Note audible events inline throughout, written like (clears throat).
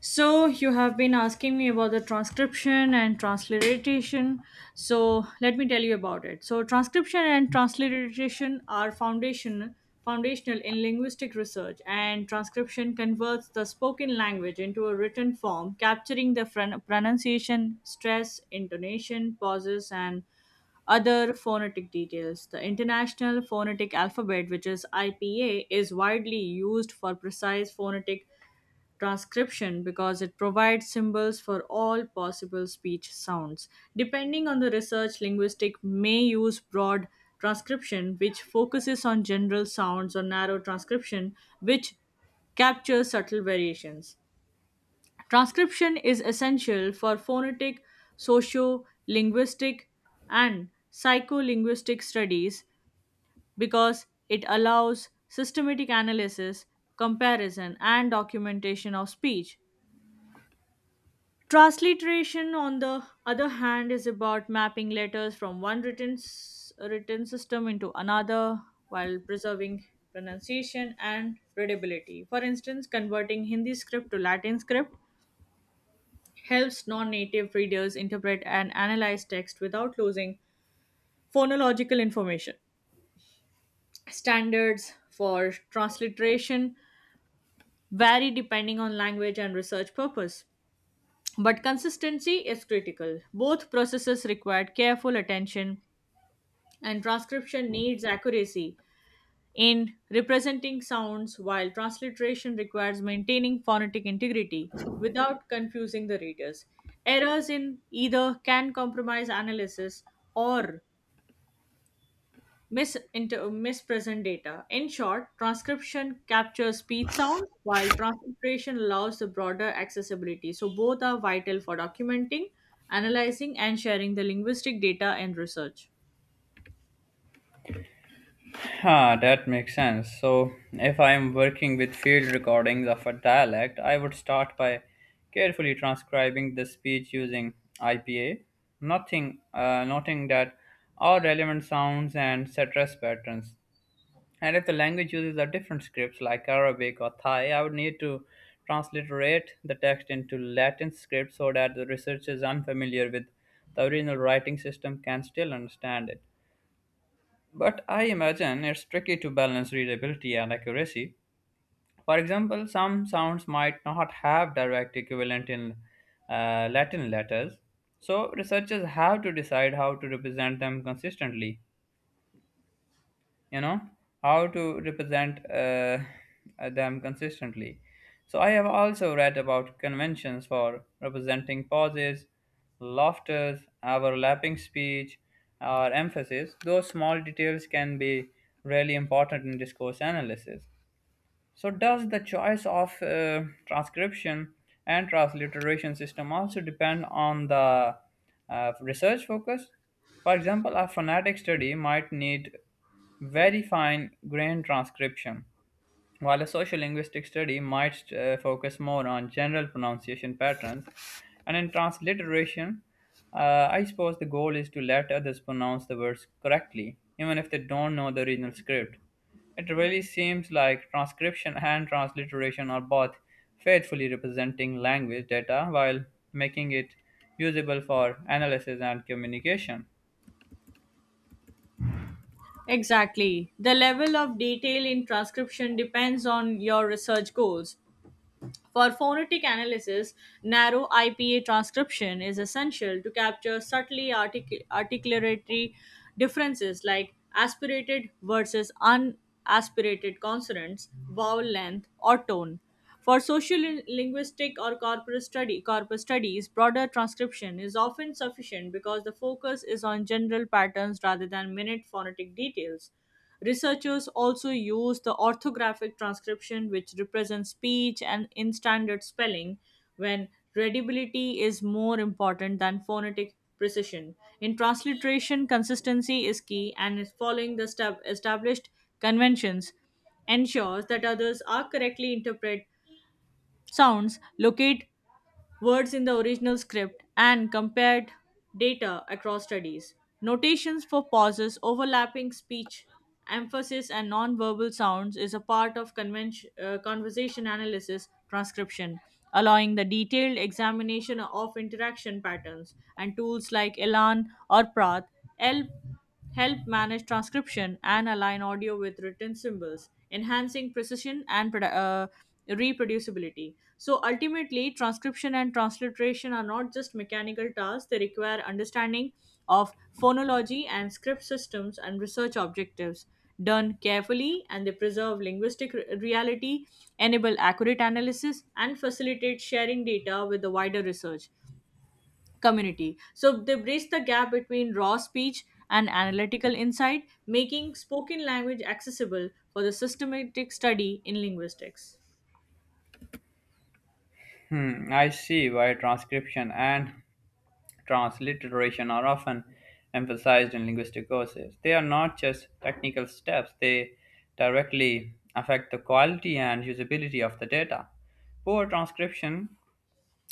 So, you have been asking me about the transcription and transliteration. So, let me tell you about it. So, transcription and transliteration are foundational in linguistic research, and transcription converts the spoken language into a written form, capturing the pronunciation, stress, intonation, pauses, and other phonetic details. The International Phonetic Alphabet, which is IPA, is widely used for precise phonetic transcription because it provides symbols for all possible speech sounds. Depending on the research, linguistics may use broad transcription, which focuses on general sounds, or narrow transcription, which captures subtle variations. Transcription is essential for phonetic, socio linguistic, and psycholinguistic studies because it allows systematic analysis, comparison, and documentation of speech. Transliteration, on the other hand, is about mapping letters from one written system into another while preserving pronunciation and readability. For instance, converting Hindi script to Latin script helps non native readers interpret and analyze text without losing phonological information. Standards for transliteration vary depending on language and research purpose. But consistency is critical. Both processes required careful attention, and transcription needs accuracy in representing sounds, while transliteration requires maintaining phonetic integrity without confusing the readers. Errors in either can compromise analysis or mispresent data. In short, transcription captures speech sounds while transcription allows the broader accessibility. So both are vital for documenting, analyzing and sharing the linguistic data in research. Ah, that makes sense. So, if I am working with field recordings of a dialect, I would start by carefully transcribing the speech using IPA, nothing, noting that all relevant sounds and stress patterns. And if the language uses a different script like Arabic or Thai, I would need to transliterate the text into Latin script so that the researcher unfamiliar with the original writing system can still understand it. But I imagine it's tricky to balance readability and accuracy. For example, some sounds might not have direct equivalent in Latin letters, so researchers have to decide how to represent them consistently you know how to represent them consistently. So I have also read about conventions for representing pauses, laughters, overlapping speech, or emphasis. Those small details can be really important in discourse analysis. So, does the choice of transcription and transliteration system also depend on the research focus? For example, a phonetic study might need very fine grained transcription, while a social linguistic study might focus more on general pronunciation patterns. And in transliteration, I suppose the goal is to let others pronounce the words correctly, even if they don't know the original script. It really seems like transcription and transliteration are both faithfully representing language data while making it usable for analysis and communication. Exactly. The level of detail in transcription depends on your research goals. For phonetic analysis, narrow IPA transcription is essential to capture articulatory differences like aspirated versus unaspirated consonants, vowel length, or tone. For social linguistic or corpus studies, broader transcription is often sufficient because the focus is on general patterns rather than minute phonetic details. Researchers also use the orthographic transcription, which represents speech and in standard spelling, when readability is more important than phonetic precision. In transliteration, consistency is key, and is following the established conventions ensures that others are correctly interpret sounds, locate words in the original script, and compared data across studies. Notations for pauses, overlapping speech, emphasis, and nonverbal sounds is a part of conversation analysis transcription, allowing the detailed examination of interaction patterns. And tools like Elan or Prath help help manage transcription and align audio with written symbols, enhancing precision and reproducibility. So ultimately, transcription and transliteration are not just mechanical tasks, they require understanding of phonology and script systems and research objectives. Done carefully, and they preserve linguistic reality, enable accurate analysis, and facilitate sharing data with the wider research community. So they bridge the gap between raw speech and analytical insight, making spoken language accessible for the systematic study in linguistics. Hmm, I see why transcription and transliteration are often emphasized in linguistic courses. They are not just technical steps, they directly affect the quality and usability of the data. Poor transcription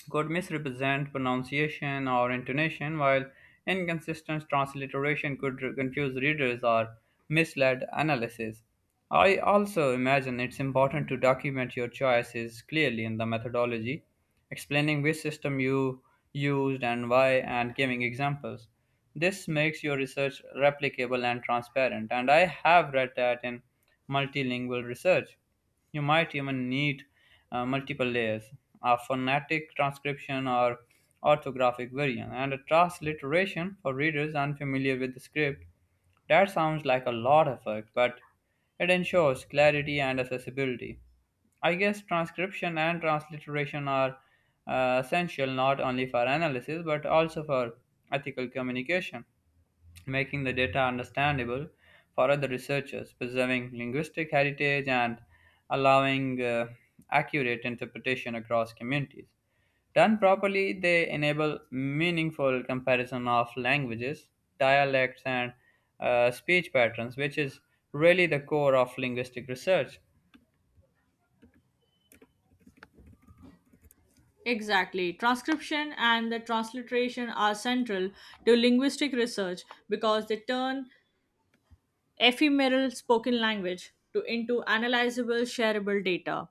could misrepresent pronunciation or intonation, while inconsistent transliteration could confuse readers or mislead analysis. I also imagine it's important to document your choices clearly in the methodology, explaining which system you used and why, and giving examples. This makes your research replicable and transparent, and I have read that in multilingual research you might even need multiple layers, a phonetic transcription or orthographic variant, and a transliteration for readers unfamiliar with the script. That sounds like a lot of work, but it ensures clarity and accessibility. I guess transcription and transliteration are essential not only for analysis but also for ethical communication, making the data understandable for other researchers, preserving linguistic heritage, and allowing accurate interpretation across communities. Done properly, they enable meaningful comparison of languages, dialects, and speech patterns, which is really the core of linguistic research. Exactly. Transcription and the transliteration are central to linguistic research because they turn ephemeral spoken language to into analyzable shareable data.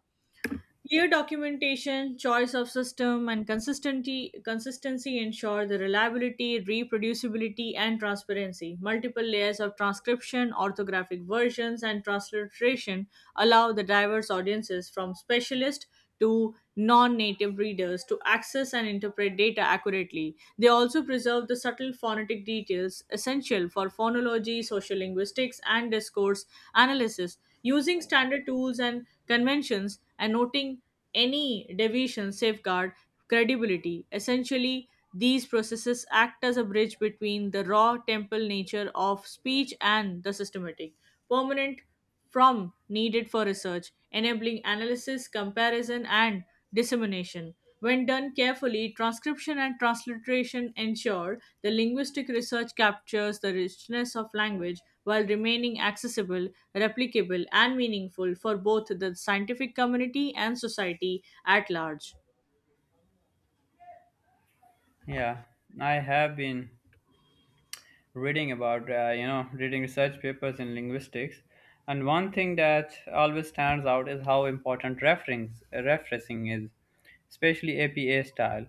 Clear documentation, choice of system, and consistency ensure the reliability, reproducibility, and transparency. Multiple layers of transcription, orthographic versions, and transliteration allow the diverse audiences from specialists to non-native readers to access and interpret data accurately. They also preserve the subtle phonetic details essential for phonology, sociolinguistics, and discourse analysis. Using standard tools and conventions, and noting any deviation safeguard credibility. Essentially, these processes act as a bridge between the raw temple nature of speech and the systematic, permanent from needed for research, enabling analysis, comparison, and dissemination. When done carefully, transcription and transliteration ensure the linguistic research captures the richness of language while remaining accessible, replicable, and meaningful for both the scientific community and society at large. Yeah, I have been reading about, reading research papers in linguistics, and one thing that always stands out is how important reference referencing is, especially APA style.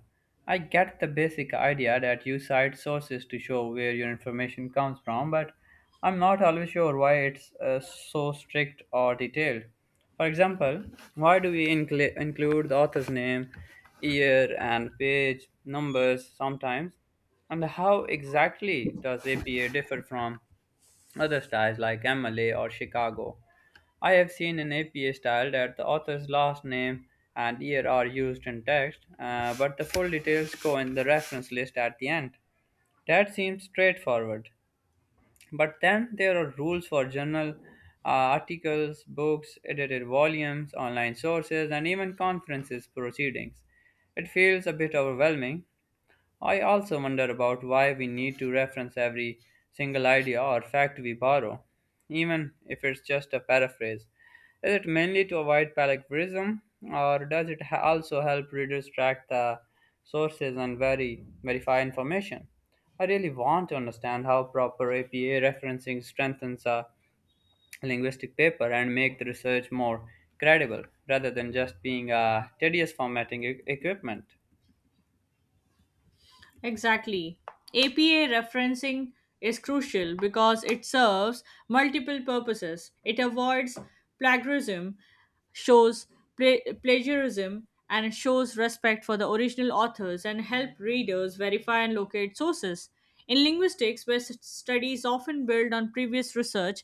I get the basic idea that you cite sources to show where your information comes from, but I'm not always sure why it's so strict or detailed. For example, why do we include the author's name, year, and page numbers sometimes, and how exactly does APA differ from other styles like MLA or Chicago? I have seen an APA style that the author's last name and year are used in text, but the full details go in the reference list at the end. That seems straightforward. But then there are rules for journal articles, books, edited volumes, online sources, and even conferences proceedings. It feels a bit overwhelming. I also wonder about why we need to reference every single idea or fact we borrow, even if it's just a paraphrase. Is it mainly to avoid plagiarism, or does it also help readers track the sources and verify information? I really want to understand how proper APA referencing strengthens a linguistic paper and make the research more credible rather than just being a tedious formatting equipment. Exactly. APA referencing is crucial because it serves multiple purposes. It avoids plagiarism, shows plagiarism, and it shows respect for the original authors and help readers verify and locate sources. In linguistics, where studies often build on previous research,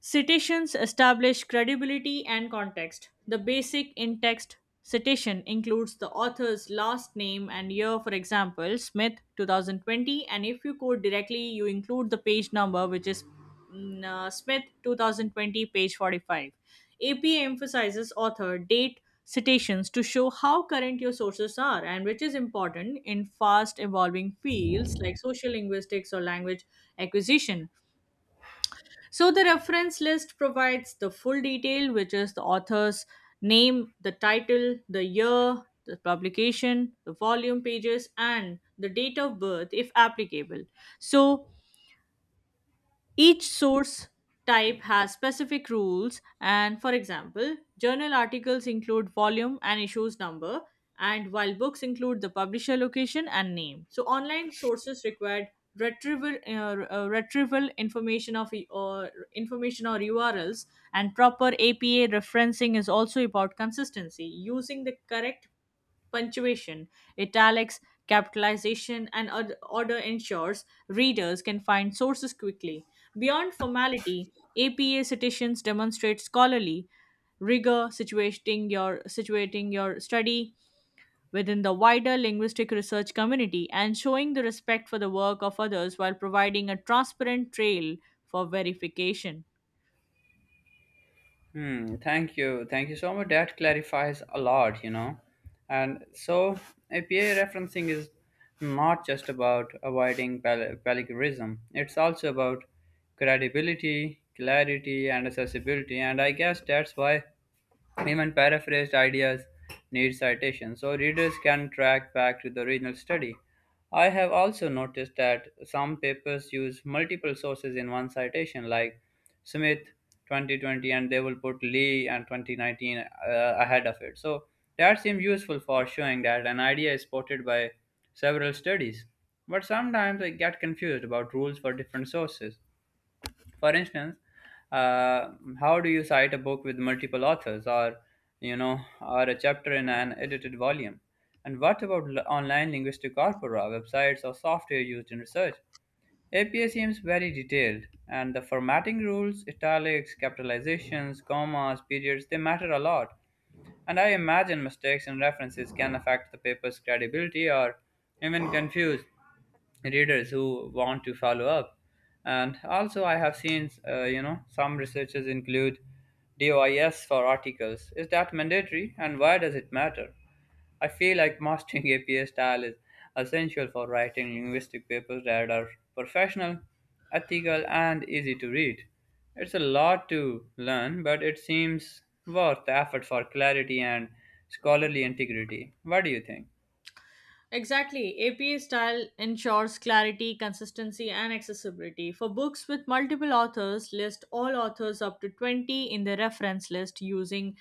citations establish credibility and context. The basic in text citation includes the author's last name and year, for example, Smith 2020, and if you quote directly, you include the page number, which is Smith 2020, page 45. APA emphasizes author, date, citations to show how current your sources are, and which is important in fast evolving fields like social linguistics or language acquisition. So the reference list provides the full detail, which is the author's name, the title, the year, the publication, the volume pages, and the date of birth if applicable. So each source type has specific rules, and for example, journal articles include volume and issues number, and while books include the publisher location and name. So, online sources required retrieval information of or information or URLs, and proper APA referencing is also about consistency, using the correct punctuation, italics, capitalization, and order ensures readers can find sources quickly. Beyond formality, APA citations demonstrate scholarly rigor, situating your study within the wider linguistic research community and showing the respect for the work of others while providing a transparent trail for verification. Hmm, thank you. Thank you so much. That clarifies a lot, you know. And so, APA referencing is not just about avoiding plagiarism, it's also about credibility, clarity, and accessibility. And I guess that's why even paraphrased ideas need citation, so readers can track back to the original study. I have also noticed that some papers use multiple sources in one citation, like Smith 2020, and they will put Lee and 2019 ahead of it. So that seems useful for showing that an idea is supported by several studies. But sometimes I get confused about rules for different sources. For instance, uh, how do you cite a book with multiple authors, or, you know, or a chapter in an edited volume? And what about online linguistic corpora, websites, or software used in research? APA seems very detailed, and the formatting rules, italics, capitalizations, commas, periods, they matter a lot, and I imagine mistakes in references can affect the paper's credibility or even confuse readers who want to follow up. And also, I have seen, you know, some researchers include DOIS for articles. Is that mandatory, and why does it matter? I feel like mastering (laughs) APA style is essential for writing linguistic papers that are professional, ethical, and easy to read. It's a lot to learn, but it seems worth the effort for clarity and scholarly integrity. What do you think? Exactly. APA style ensures clarity, consistency, and accessibility. For books with multiple authors, list all authors up to 20 in the reference list using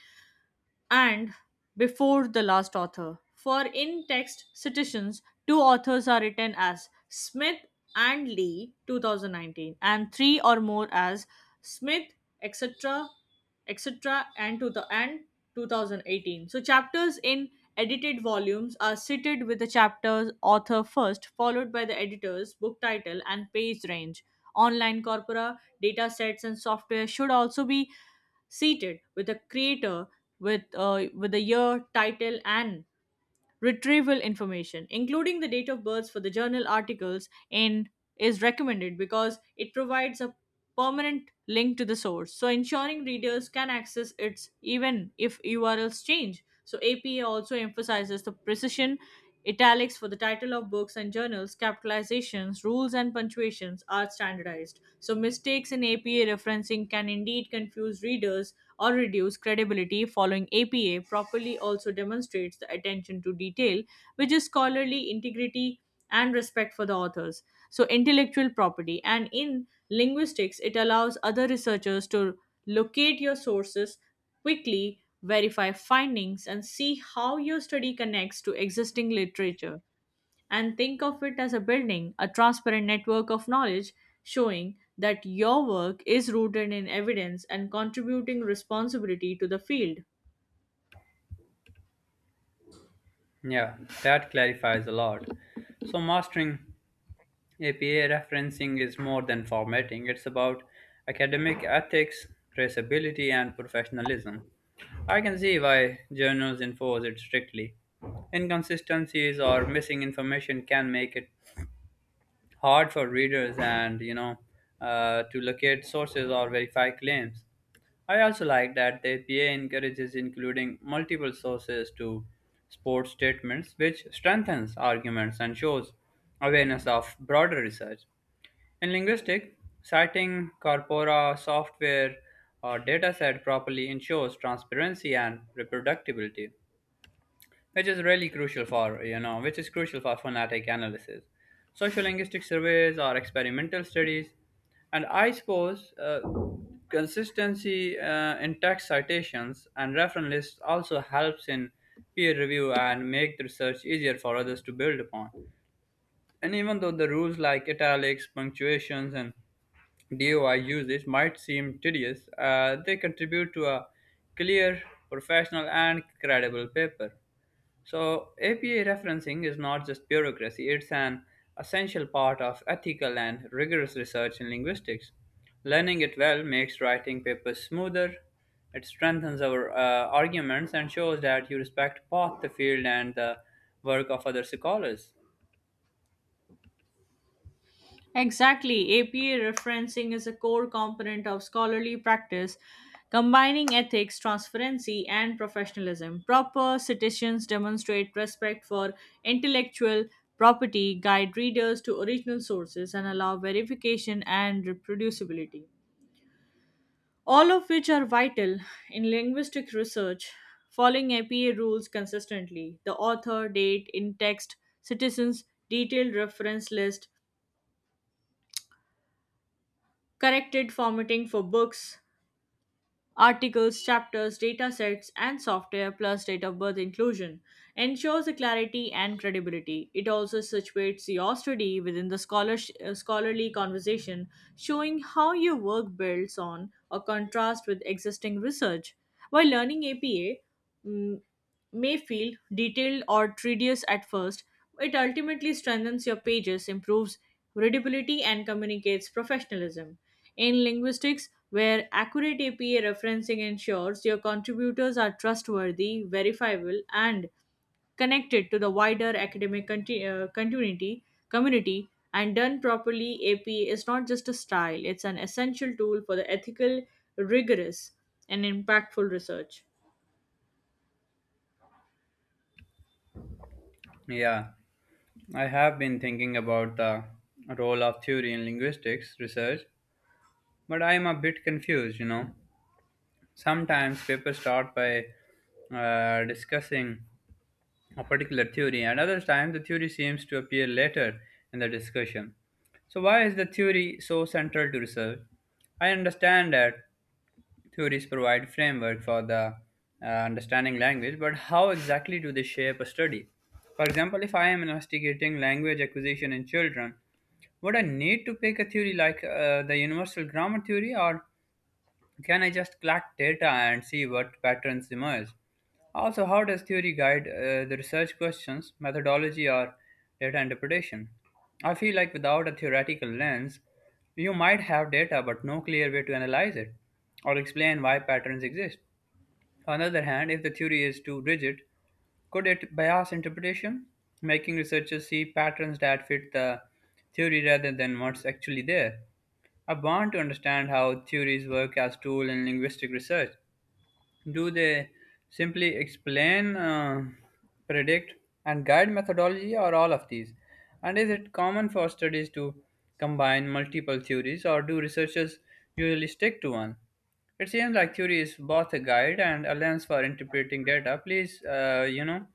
and before the last author. For in text citations, two authors are written as Smith and Lee 2019, and three or more as Smith, etc., etc., and to the and 2018. So chapters in edited volumes are cited with the chapter's author first, followed by the editor's book title and page range. Online corpora, data sets, and software should also be seated with a creator with the year, title, and retrieval information, including the date of birth for the journal articles, and is recommended because it provides a permanent link to the source, so ensuring readers can access it even if URLs change. So APA also emphasizes the precision italics for the title of books and journals, capitalizations, rules, and punctuations are standardized. So mistakes in APA referencing can indeed confuse readers or reduce credibility following APA properly also demonstrates the attention to detail, which is scholarly integrity and respect for the authors. So, intellectual property, and in linguistics, it allows other researchers to locate your sources quickly, verify findings, and see how your study connects to existing literature and think of it as a building, a transparent network of knowledge showing that your work is rooted in evidence and contributing responsibility to the field. Yeah, that clarifies a lot. So, mastering APA referencing is more than formatting, it's about academic ethics, traceability, and professionalism. I can see why journals enforce it strictly. Inconsistencies or missing information can make it hard for readers, and, to locate sources or verify claims. I also like that the APA encourages including multiple sources to support statements, which strengthens arguments and shows awareness of broader research. In linguistics, citing corpora, software, or dataset properly ensures transparency and reproducibility, which is really crucial for you know which is crucial for phonetic analysis, social linguistic surveys, or experimental studies. And I suppose consistency in text citations and reference lists also helps in peer review and make the research easier for others to build upon. And even though the rules like italics, punctuations, and doi usage might seem tedious, they contribute to a clear, professional, and credible paper. So, APA referencing is not just bureaucracy, it's an essential part of ethical and rigorous research in linguistics. Learning it well makes writing papers smoother, it strengthens our arguments, and shows that you respect both the field and the work of other scholars. Exactly, APA referencing is a core component of scholarly practice, combining ethics, transparency, and professionalism. Proper citations demonstrate respect for intellectual property, guide readers to original sources, and allow verification and reproducibility, all of which are vital in linguistic research. Following APA rules consistently, the author, date, in text, citizens, detailed reference list, corrected formatting for books, articles, chapters, data sets, and software plus date of birth inclusion ensures the clarity and credibility. It also situates your study within the scholarly conversation, showing how your work builds on or contrasts with existing research. While learning APA mm, may feel detailed or tedious at first, it ultimately strengthens your pages, improves readability, and communicates professionalism. In linguistics, where accurate APA referencing ensures your contributors are trustworthy, verifiable, and connected to the wider academic community, and done properly, APA is not just a style, it's an essential tool for the ethical, rigorous, and impactful research. Yeah, I have been thinking about the role of theory in linguistics research, but I am a bit confused, you know. Sometimes papers start by discussing a particular theory, and other times the theory seems to appear later in the discussion. So, why is the theory so central to research? I understand that theories provide framework for the understanding language, but how exactly do they shape a study? For example, if I am investigating language acquisition in children, would I need to pick a theory like the universal grammar theory, or can I just collect data and see what patterns emerge? Also, how does theory guide the research questions, methodology, or data interpretation? I feel like without a theoretical lens, you might have data but no clear way to analyze it or explain why patterns exist. On the other hand, if the theory is too rigid, could it bias interpretation, making researchers see patterns that fit the theory rather than what's actually there? I want to understand how theories work as tool in linguistic research. Do they simply explain, predict, and guide methodology, or all of these? And is it common for studies to combine multiple theories, or do researchers usually stick to one? It seems like theory is both a guide and a lens for interpreting data. Please, uh, you know,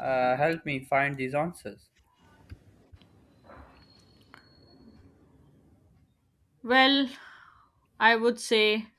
uh, help me find these answers. Well, I would say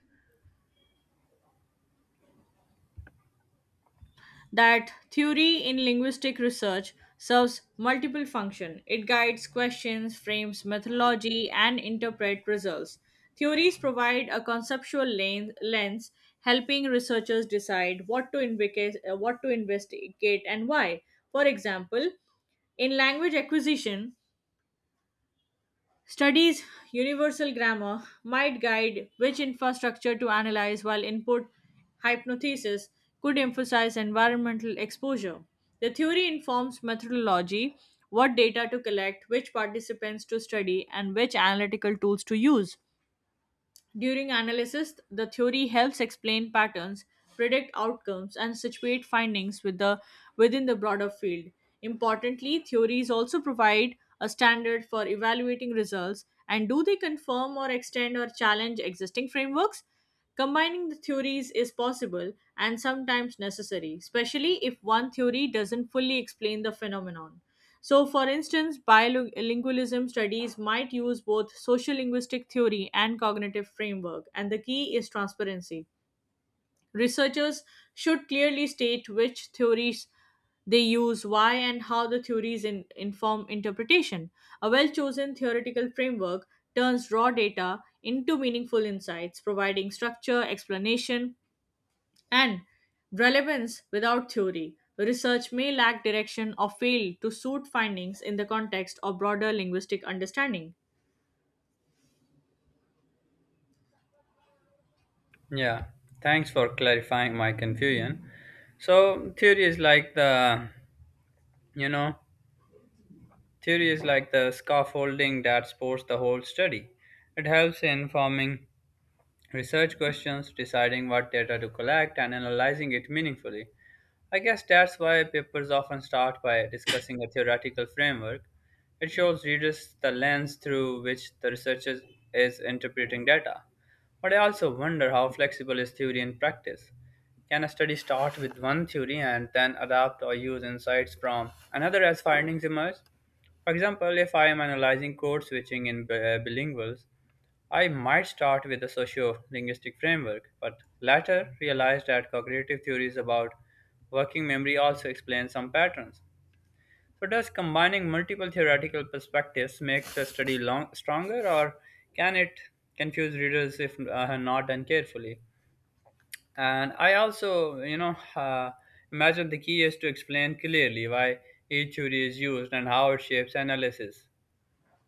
that theory in linguistic research serves multiple functions. It guides questions, frames methodology, and interpret results. Theories provide a conceptual lens, helping researchers decide what to investigate and why. For example, in language acquisition, studies universal grammar might guide which infrastructure to analyze, while input hypothesis could emphasize environmental exposure. The theory informs methodology, what data to collect, which participants to study, and which analytical tools to use. During analysis, the theory helps explain patterns, predict outcomes, and situate findings within the broader field. Importantly, theories also provide a standard for evaluating results and do they confirm or extend or challenge existing frameworks? Combining the theories is possible and sometimes necessary, especially if one theory doesn't fully explain the phenomenon. So, for instance, bilingualism studies might use both social linguistic theory and cognitive framework, and the key is transparency. Researchers should clearly state which theories they use, why, and how the theories inform interpretation. A well chosen theoretical framework turns raw data into meaningful insights, providing structure, explanation, and relevance without theory. Research may lack direction or fail to suit findings in the context of broader linguistic understanding. Yeah, thanks for clarifying my confusion. So you know, theory is like the scaffolding that supports the whole study. It helps in forming research questions, deciding what data to collect, and analyzing it meaningfully. I guess that's why papers often start by discussing a theoretical framework. It shows readers the lens through which the researcher is interpreting data. But I also wonder how flexible is theory in practice. Can a study start with one theory and then adapt or use insights from another as findings emerge? For example, if I am analyzing code switching in bilinguals, I might start with the socio linguistic framework, but later realized that cognitive theories about working memory also explain some patterns. So, does combining multiple theoretical perspectives make the study stronger, or can it confuse readers if not done carefully? And I also, imagine the key is to explain clearly why each theory is used and how it shapes analysis.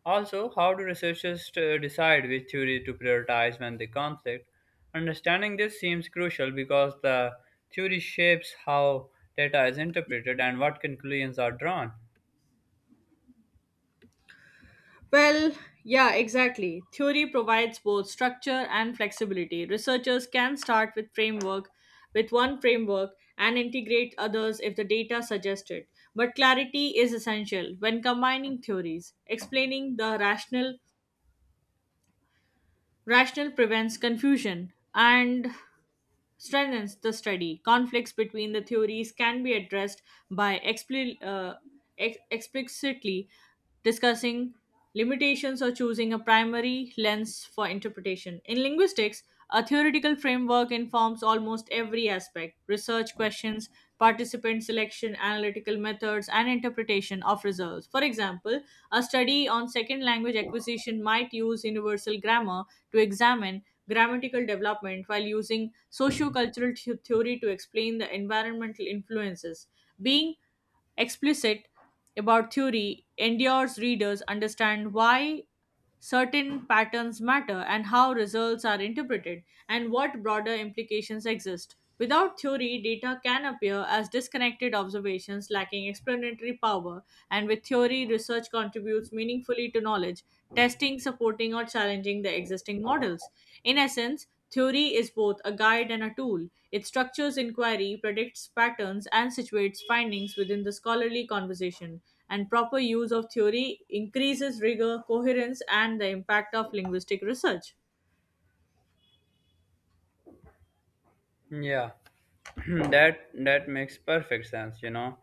Also, how do researchers decide which theory to prioritize when they conflict? Understanding this seems crucial because the theory shapes how data is interpreted and what conclusions are drawn. Well, yeah, exactly. Theory provides both structure and flexibility. Researchers can start with one framework and integrate others if the data suggests it. But clarity is essential when combining theories. Explaining the rational prevents confusion and strengthens the study. Conflicts between the theories can be addressed by explicitly discussing limitations or choosing a primary lens for interpretation. In linguistics, a theoretical framework informs almost every aspect research questions, participant selection, analytical methods, and interpretation of results. For example, a study on second language acquisition might use universal grammar to examine grammatical development while using sociocultural theory to explain the environmental influences. Being explicit about theory endures readers understand why certain patterns matter and how results are interpreted and what broader implications exist. Without theory, data can appear as disconnected observations lacking explanatory power, and with theory, research contributes meaningfully to knowledge, testing, supporting, or challenging the existing models. In essence, theory is both a guide and a tool. It structures inquiry, predicts patterns, and situates findings within the scholarly conversation. And proper use of theory increases rigor, coherence, and the impact of linguistic research. Yeah, (clears throat) that makes perfect sense, you know.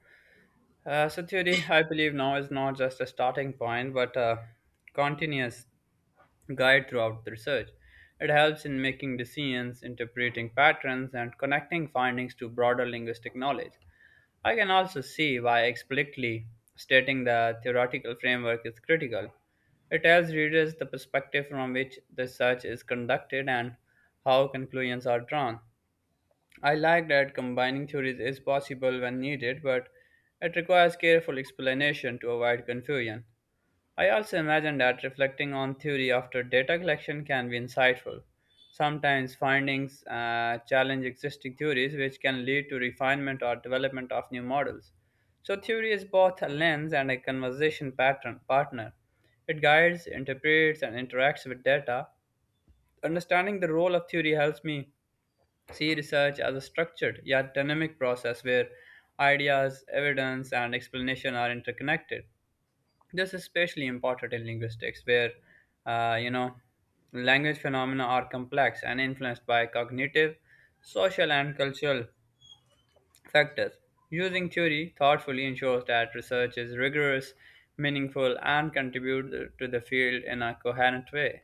So theory, I believe now, is not just a starting point, but a continuous guide throughout the research. It helps in making decisions, interpreting patterns, and connecting findings to broader linguistic knowledge. I can also see why explicitly stating the theoretical framework is critical. It tells readers the perspective from which the research is conducted and how conclusions are drawn. I like that combining theories is possible when needed, but it requires careful explanation to avoid confusion. I also imagine that reflecting on theory after data collection can be insightful. Sometimes findings challenge existing theories, which can lead to refinement or development of new models. So, theory is both a lens and a conversation pattern partner. It guides, interprets, and interacts with data. Understanding the role of theory helps me see research as a structured yet dynamic process where ideas, evidence, and explanation are interconnected. This is especially important in linguistics, where uh, you know language phenomena are complex and influenced by cognitive, social, and cultural factors. Using theory thoughtfully ensures that research is rigorous, meaningful, and contributes to the field in a coherent way.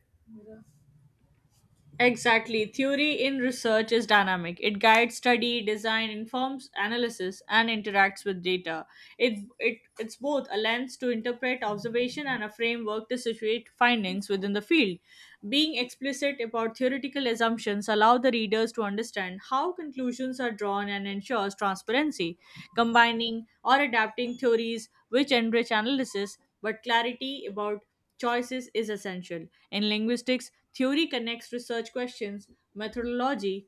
Exactly. Theory in research is dynamic. It guides study, design, informs analysis, and interacts with data. It's both a lens to interpret observation and a framework to situate findings within the field. Being explicit about theoretical assumptions allow the readers to understand how conclusions are drawn and ensures transparency. Combining or adapting theories which enrich analysis, but clarity about choices is essential. In linguistics, theory connects research questions, methodology,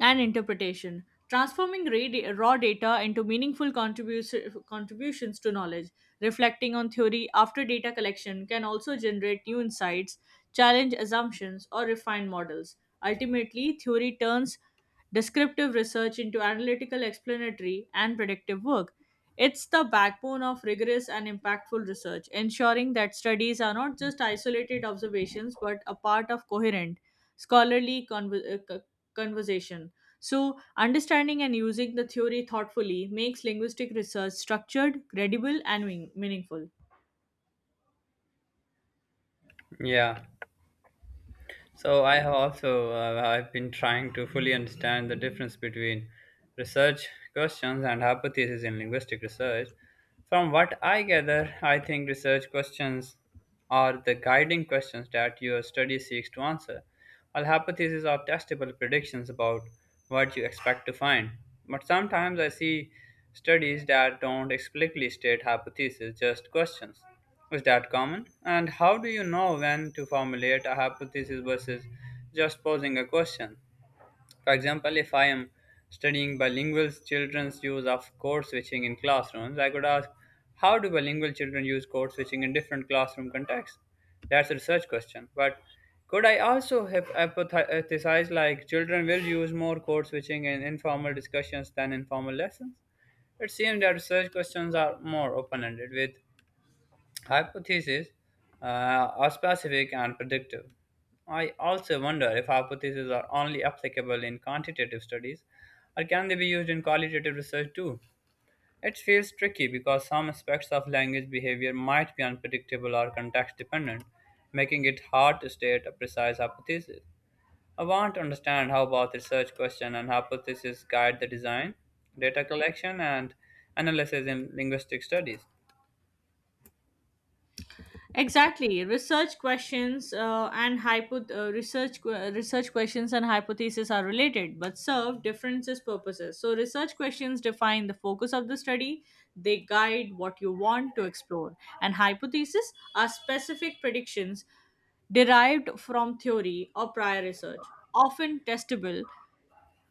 and interpretation, transforming raw data into meaningful contributions to knowledge. Reflecting on theory after data collection can also generate new insights, challenge assumptions, or refine models. Ultimately, theory turns descriptive research into analytical, explanatory, and predictive work. It's the backbone of rigorous and impactful research, ensuring that studies are not just isolated observations but a part of coherent, scholarly conversation. So, understanding and using the theory thoughtfully makes linguistic research structured, credible, and meaningful. Yeah. So I have also I've been trying to fully understand the difference between research questions and hypotheses in linguistic research. From what I gather, I think research questions are the guiding questions that your study seeks to answer, all hypotheses are testable predictions about what you expect to find. But sometimes I see studies that don't explicitly state hypotheses, just questions. Is that common? And how do you know when to formulate a hypothesis versus just posing a question? For example, if I am studying bilingual children's use of code switching in classrooms, I could ask, how do bilingual children use code switching in different classroom contexts? That's a research question. But could I also hypothesize like children will use more code switching in informal discussions than in formal lessons? It seems that research questions are more open ended, with hypotheses are specific and predictive. I also wonder if hypotheses are only applicable in quantitative studies or can they be used in qualitative research too? It feels tricky because some aspects of language behavior might be unpredictable or context dependent, making it hard to state a precise hypothesis. I want to understand how both research question and hypothesis guide the design, data collection, and analysis in linguistic studies. Exactly, research questions and hypotheses are related, but serve different purposes. So, research questions define the focus of the study. They guide what you want to explore, and hypotheses are specific predictions derived from theory or prior research, often testable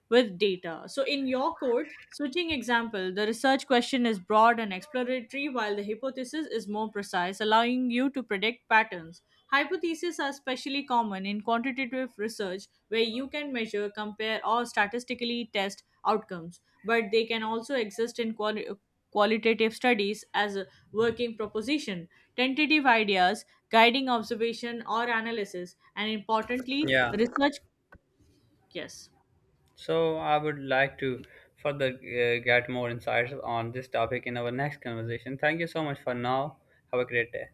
with data. So in your code switching example, the research question is broad and exploratory while the hypothesis is more precise, allowing you to predict patterns. Hypotheses are especially common in quantitative research where you can measure, compare or statistically test outcomes, but they can also exist in qualitative studies as a working proposition, tentative ideas, guiding observation or analysis, and importantly, Yeah, research yes. so I would like to further get more insights on this topic in our next conversation. Thank you so much for now. Have a great day.